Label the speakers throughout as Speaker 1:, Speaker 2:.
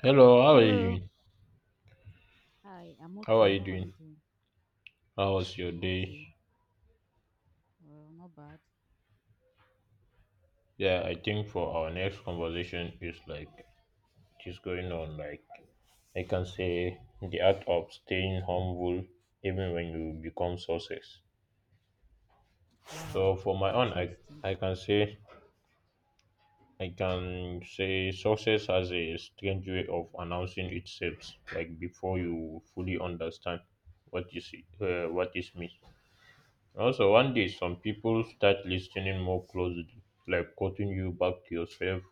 Speaker 1: Hello, how are you?
Speaker 2: Hello.
Speaker 1: Doing?
Speaker 2: Hi, I'm
Speaker 1: How are
Speaker 2: okay.
Speaker 1: you
Speaker 2: How are you
Speaker 1: doing?
Speaker 2: doing?
Speaker 1: How was your
Speaker 2: I'm
Speaker 1: day?
Speaker 2: okay. Well, not bad.
Speaker 1: Yeah, I think for our next conversation is like it is going on like I can say the art of staying humble even when you become success.
Speaker 2: Wow,
Speaker 1: So for my own I
Speaker 2: interesting.
Speaker 1: I can say success has a strange way of announcing itself like before you fully understand what is me. Also, one day some people start listening more closely, like quoting you back to yourself,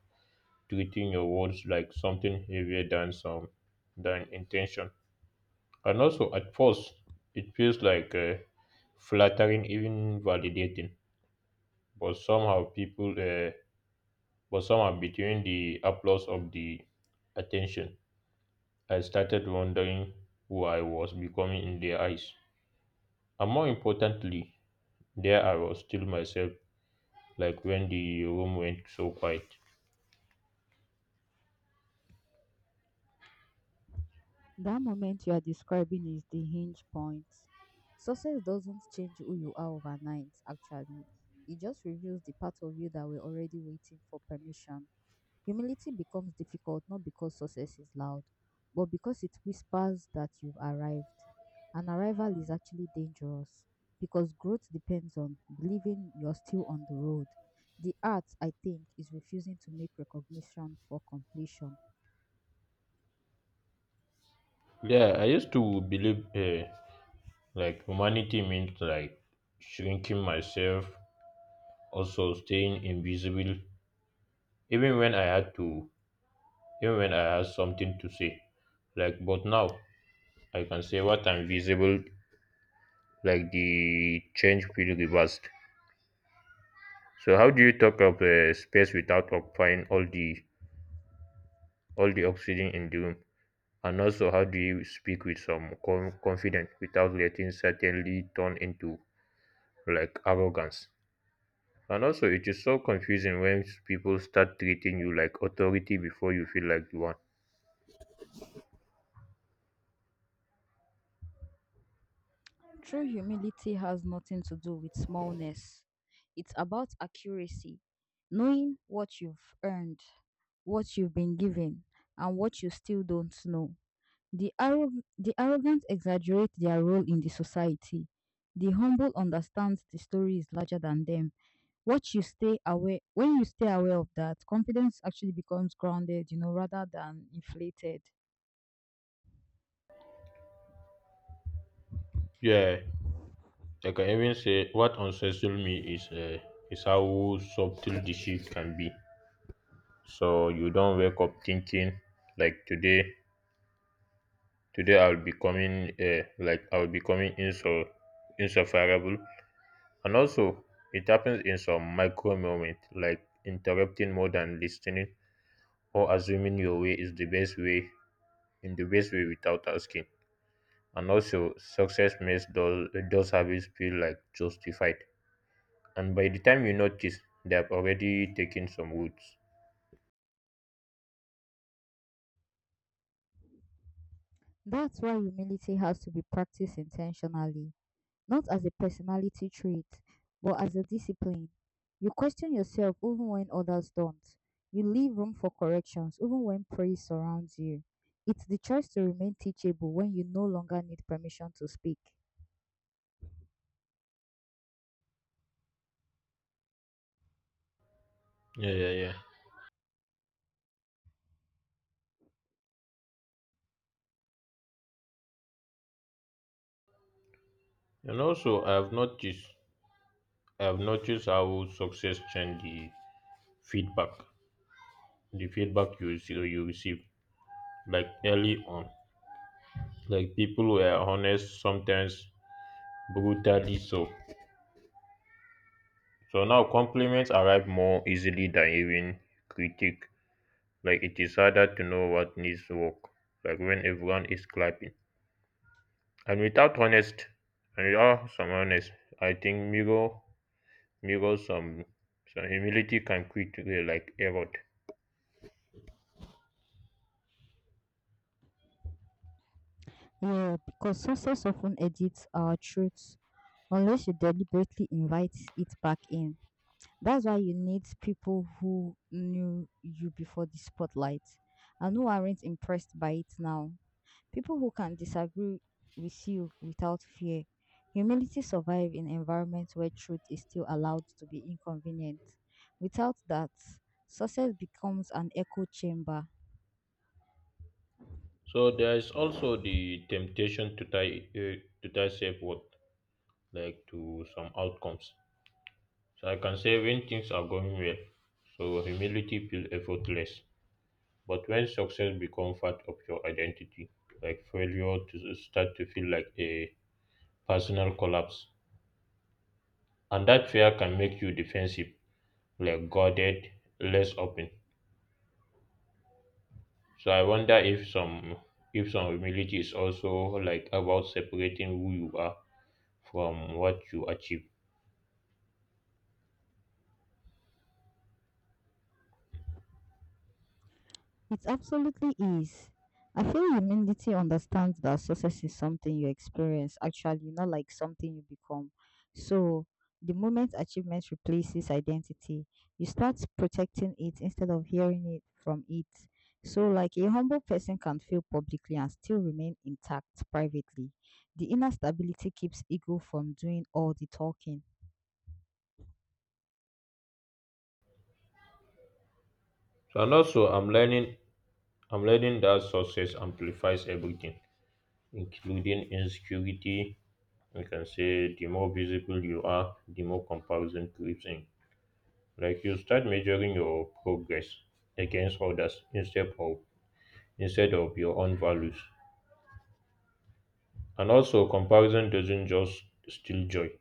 Speaker 1: treating your words like something heavier than some than intention. And also, at first, it feels like flattering, even validating. But but somehow, between the applause of the attention, I started wondering who I was becoming in their eyes. And more importantly, there I was still myself like when the room went so quiet.
Speaker 2: That moment you are describing is the hinge point. Success doesn't change who you are overnight, actually. It just reveals the part of you that were already waiting for permission. Humility becomes difficult not because success is loud, but because it whispers that you've arrived. An arrival is actually dangerous because growth depends on believing you're still on the road. The art, I think, is refusing to make recognition for completion.
Speaker 1: Yeah, I used to believe like humanity means like shrinking myself, also staying invisible, even when I had to, even when I had something to say. Like, but now I can say what I'm visible, like the change feel reversed. So, how do you talk of space without occupying all the oxygen in the room? And also, how do you speak with some confidence without letting certainly turn into like arrogance, and also it is so confusing when people start treating you like authority before you feel like the one.
Speaker 2: True humility has nothing to do with smallness, it's about accuracy, knowing what you've earned, what you've been given, and what you still don't know. The arrogant exaggerate their role in the society. The humble understand the story is larger than them. What you stay aware, when you stay aware of that, confidence actually becomes grounded, you know, rather than inflated.
Speaker 1: Yeah, I can even say what unsettled me is how subtle the shift can be. So you don't wake up thinking like today I'll be coming insufferable, and also it happens in some micro moment like interrupting more than listening or assuming your way is the best way without asking. And also, success makes those habits feel like justified. And by the time you notice, they have already taken some roots.
Speaker 2: That's why humility has to be practiced intentionally, not as a personality trait, but as a discipline. You question yourself even when others don't. You leave room for corrections even when praise surrounds you. It's the choice to remain teachable when you no longer need permission to speak.
Speaker 1: Yeah, yeah, yeah. And also, I have noticed how success change feedback, the feedback you receive, like early on, like people were honest, sometimes brutally so. So now compliments arrive more easily than even critique. Like it is harder to know what needs work like when everyone is clapping, and without honest and without some honest, I think mirror some humility can quickly like erode.
Speaker 2: Yeah, because success often edits our truths unless you deliberately invite it back in. That's why you need people who knew you before the spotlight and who aren't impressed by it now. People who can disagree with you without fear. Humility survives in environments where truth is still allowed to be inconvenient. Without that, success becomes an echo chamber.
Speaker 1: So there is also the temptation to tie self worth like to some outcomes. So I can say when things are going well, so humility feels effortless, but when success becomes part of your identity, like failure to start to feel like a personal collapse. And that fear can make you defensive, like guarded, less open. So I wonder if some humility is also like about separating who you are from what you achieve.
Speaker 2: It absolutely is. I feel humility understands that success is something you experience, actually, not like something you become. So, the moment achievement replaces identity, you start protecting it instead of hearing it from it. So, like a humble person can fail publicly and still remain intact privately. The inner stability keeps ego from doing all the talking.
Speaker 1: So and also I'm learning that success amplifies everything, including insecurity. You can say the more visible you are, the more comparison creeps in. Like you start measuring your progress against others instead of your own values. And also, comparison doesn't just steal joy.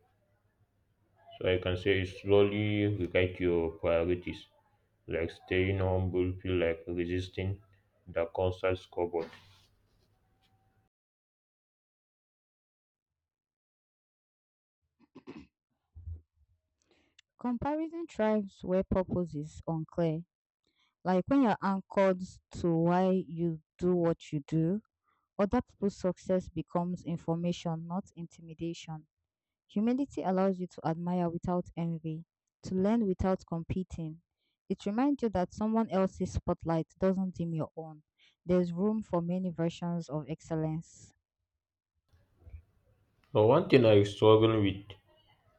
Speaker 1: So I can say it slowly rewrite your priorities, like staying humble, feel like resisting the constant scoreboard.
Speaker 2: Comparison thrives where purpose is unclear. Like when you're anchored to why you do what you do, other people's success becomes information, not intimidation. Humility allows you to admire without envy, to learn without competing. It reminds you that someone else's spotlight doesn't dim your own. There's room for many versions of excellence.
Speaker 1: But one thing I struggle with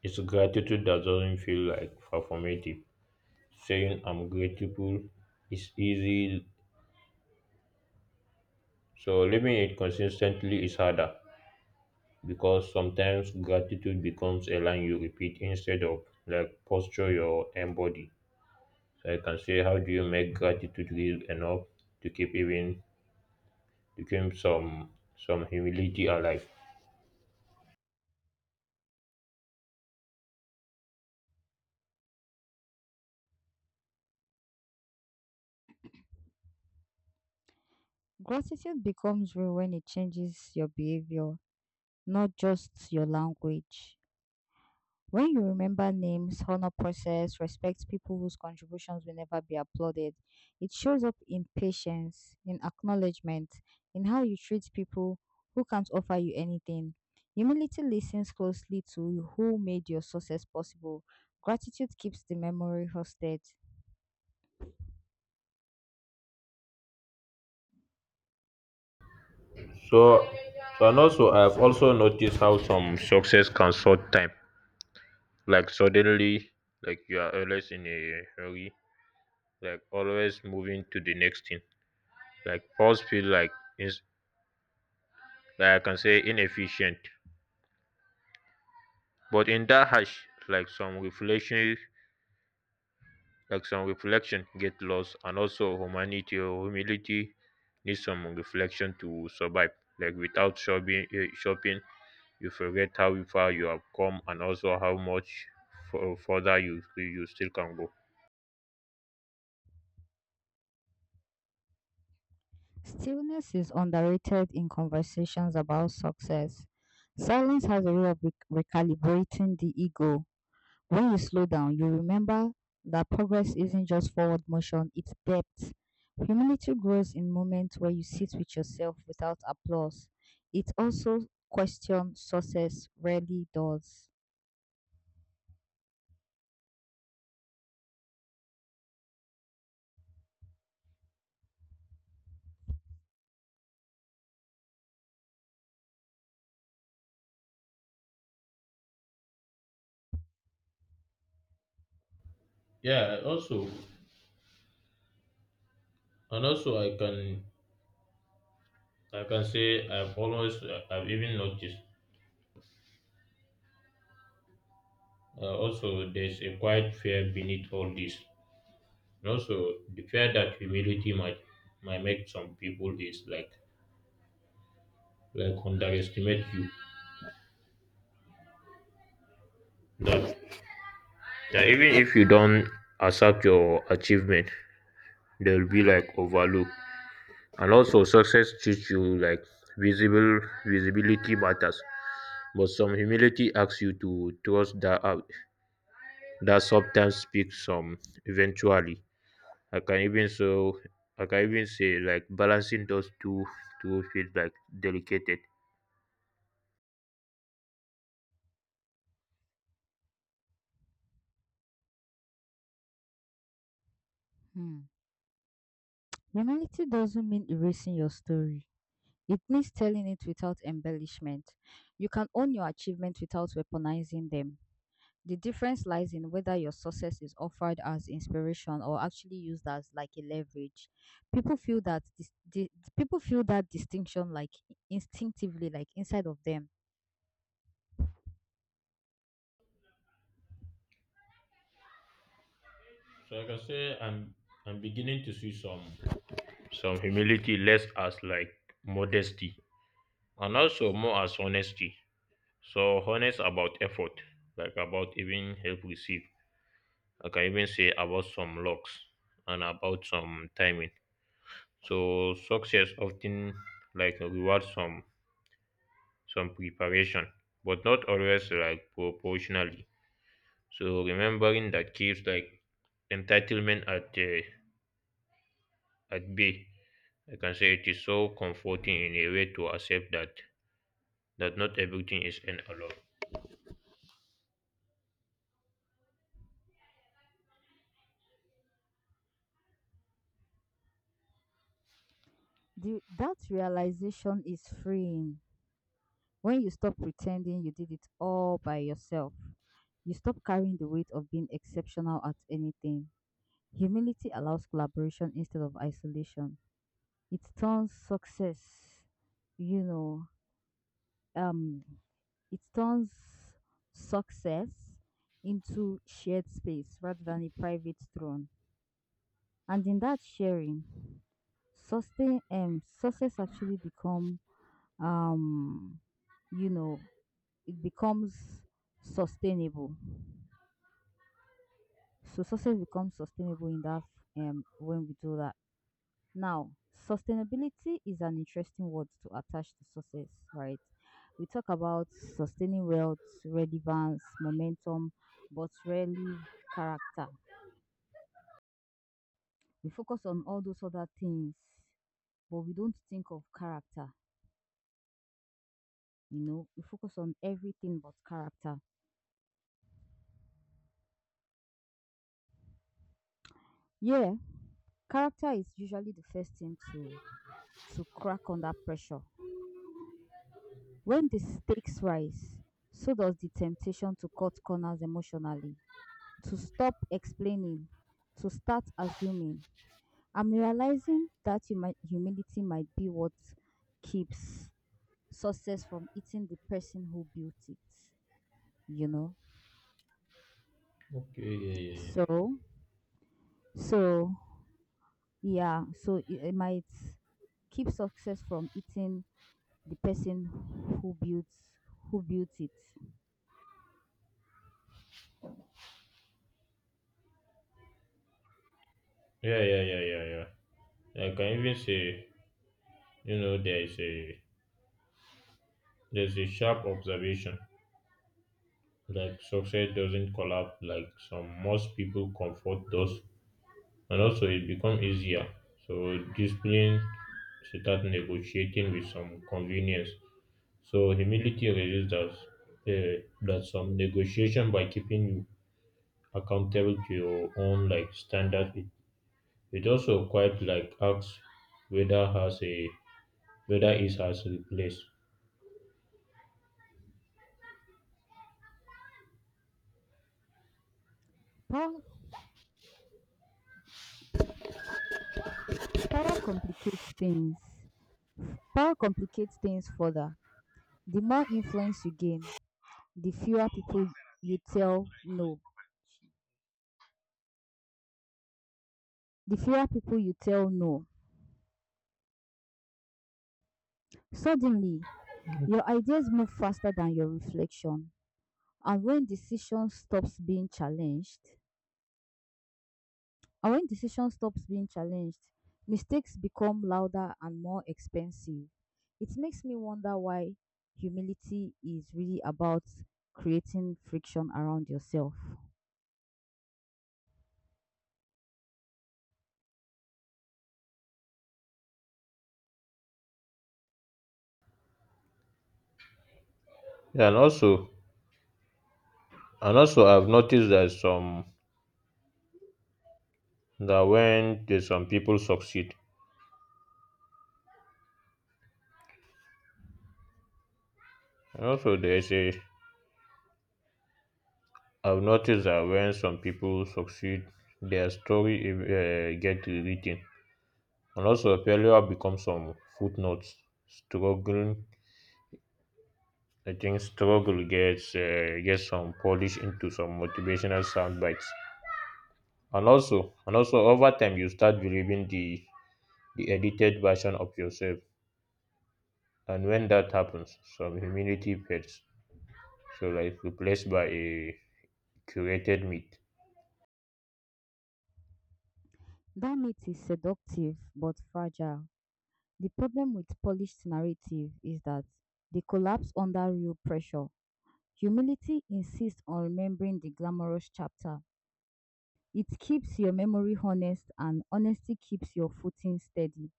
Speaker 1: is gratitude that doesn't feel like performative. Saying I'm grateful is easy, so living it consistently is harder because sometimes gratitude becomes a line you repeat instead of like posture your embody. I can say, how do you make gratitude real enough to keep even to keep some humility alive?
Speaker 2: Gratitude becomes real when it changes your behavior, not just your language. When you remember names, honor process, respect people whose contributions will never be applauded, it shows up in patience, in acknowledgement, in how you treat people who can't offer you anything. Humility listens closely to who made your success possible. Gratitude keeps the memory hosted.
Speaker 1: So so and also I've also noticed how some success can short time. Like suddenly, like you are always in a hurry, like always moving to the next thing. Like pause feel like is like I can say inefficient. But in that hash, like some reflection get lost, and also humanity or humility need some reflection to survive, like without shopping shopping you forget how far you have come, and also how much further you still can go.
Speaker 2: Stillness is underrated in conversations about success. Silence has a way of recalibrating the ego. When you slow down, you remember that progress isn't just forward motion, it's depth. Humility grows in moments where you sit with yourself without applause. It also questions success rarely does.
Speaker 1: Yeah, also, and also I can say I've even noticed also there's a quiet fear beneath all this. And also the fear that humility might make some people is like underestimate you, na even if you don't accept your achievement will be like overlook. And also success teach you like visible visibility matters, but some humility asks you to trust that that sometimes speak some eventually. I can even so. I can even say like balancing those two feels like delicate.
Speaker 2: Hmm. Humility doesn't mean erasing your story. It means telling it without embellishment. You can own your achievements without weaponizing them. The difference lies in whether your success is offered as inspiration or actually used as like a leverage. People feel that dis- di- People feel that distinction like instinctively, like inside of them.
Speaker 1: So I can say I'm I'm beginning to see some humility less as like modesty, and also more as honesty. So honest about effort, like about even help receive. Like I can even say about some locks and about some timing. So success often like rewards some preparation, but not always like proportionally. So remembering that keeps like entitlement at bay. I can say it is so comforting in a way to accept that not everything is an alone.
Speaker 2: That realization is freeing when you stop pretending you did it all by yourself. You stop carrying the weight of being exceptional at anything. Humility allows collaboration instead of isolation. It turns success, you know um it turns success into shared space rather than a private throne. And in that sharing sustain, success actually become, um you know it becomes sustainable. So success becomes sustainable in that, when we do that. Now, sustainability is an interesting word to attach to success, right? We talk about sustaining wealth, relevance, momentum, but rarely character. We focus on all those other things, but we don't think of character. You know, we focus on everything but character. Yeah, character is usually the first thing to crack under pressure. When the stakes rise, so does the temptation to cut corners emotionally, to stop explaining, to start assuming. I'm realizing that humility might be what keeps success from eating the person who built it, you know?
Speaker 1: Okay, yeah, yeah,
Speaker 2: So, so yeah, so it might keep success from eating the person who built, it.
Speaker 1: yeah, yeah, yeah, yeah, yeah, yeah. I can even say, you know, there's a sharp observation. Like success doesn't collapse like some most people comfort those, and also it become easier. So discipline start negotiating with some convenience. So humility reveals that that some negotiation by keeping you accountable to your own like standard. It also quite like asks whether has a whether it has replaced.
Speaker 2: Power, power complicates things. Power complicates things further. The more influence you gain, the fewer people you tell no. the fewer people you tell no. Suddenly, your ideas move faster than your reflection. And when decision stops being challenged, and when decision stops being challenged, mistakes become louder and more expensive. It makes me wonder why humility is really about creating friction around yourself.
Speaker 1: Yeah, and also, I've noticed that some that when there's some people succeed, and also there's a I've noticed that when some people succeed, their story get rewritten, and also failure becomes some footnotes. Struggling, I think struggle gets some polish into some motivational sound bites, and also over time you start believing the edited version of yourself, and when that happens, some humility fades so like replaced by a curated meat.
Speaker 2: That myth is seductive but fragile. The problem with polished narrative is that they collapse under real pressure. Humility insists on remembering the glamorous chapter. It keeps your memory honest, and honesty keeps your footing steady.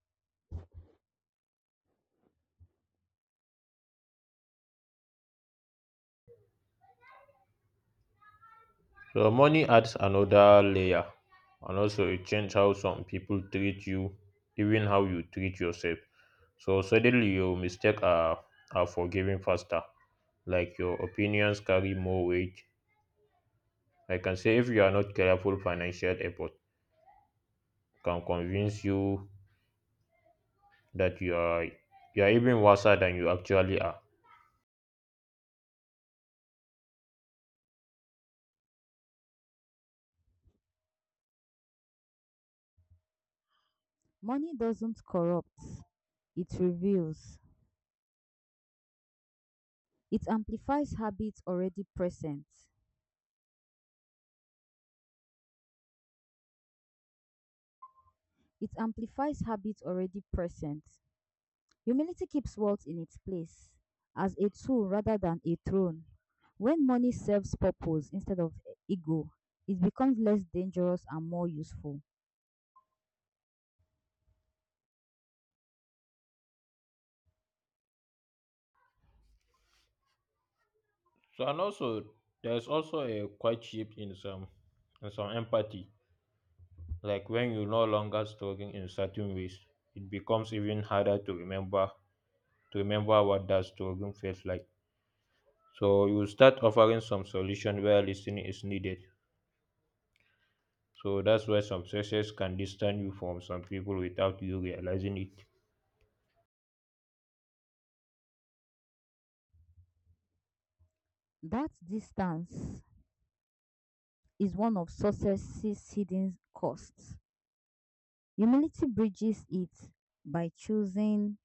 Speaker 1: So money adds another layer, and also it changes how some people treat you, even how you treat yourself. So suddenly your mistake are forgiven faster. Like your opinions carry more weight. I can say if you are not careful, financial effort can convince you that you are even worse than you actually are.
Speaker 2: Money doesn't corrupt, it reveals. It amplifies habits already present. It amplifies habits already present. Humility keeps wealth in its place as a tool rather than a throne. When money serves purpose instead of ego, it becomes less dangerous and more useful.
Speaker 1: So and also there's also a quite shift in some empathy. Like when you no longer struggling in certain ways, it becomes even harder to remember what that struggling feels like. So you start offering some solution where listening is needed. So that's why some success can distance you from some people without you realizing it.
Speaker 2: That distance is one of success's hidden costs. Humility bridges it by choosing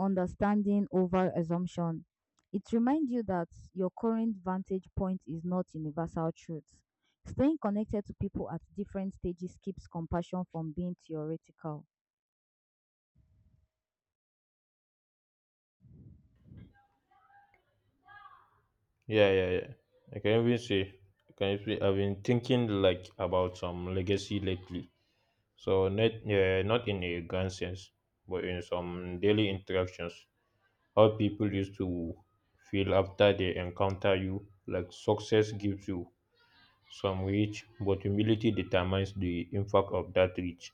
Speaker 2: understanding over assumption. It reminds you that your current vantage point is not universal truth. Staying connected to people at different stages keeps compassion from being theoretical.
Speaker 1: Yeah, yeah, yeah. I can even say, I can even say I've been thinking like about some legacy lately. So not, yeah, not in a grand sense, but in some daily interactions. How people used to feel after they encounter you. Like success gives you some reach, but humility determines the impact of that reach.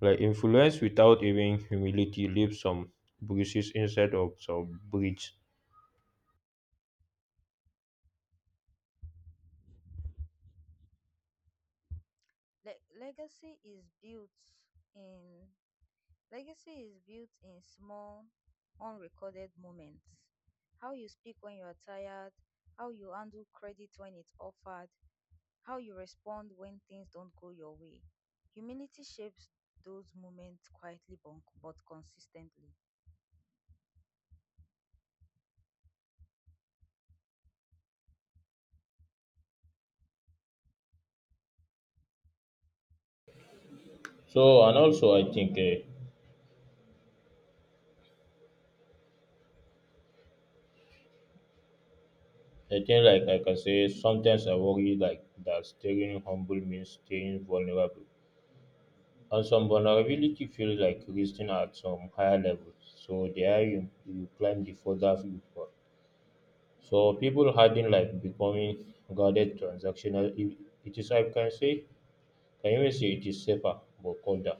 Speaker 1: Like influence without even humility leaves some bruises instead of some bridges.
Speaker 2: Le- legacy is built in Legacy is built in small, unrecorded moments. How you speak when you are tired, how you handle credit when it's offered, how you respond when things don't go your way. Humility shapes those moments quietly but consistently.
Speaker 1: So and also I think like I can say sometimes I worry like that staying humble means staying vulnerable. And some vulnerability feels like resting at some higher level. So the higher you climb the further you fall. So people hiding like becoming guarded transactional. It is I can say can even say it is safer but colder.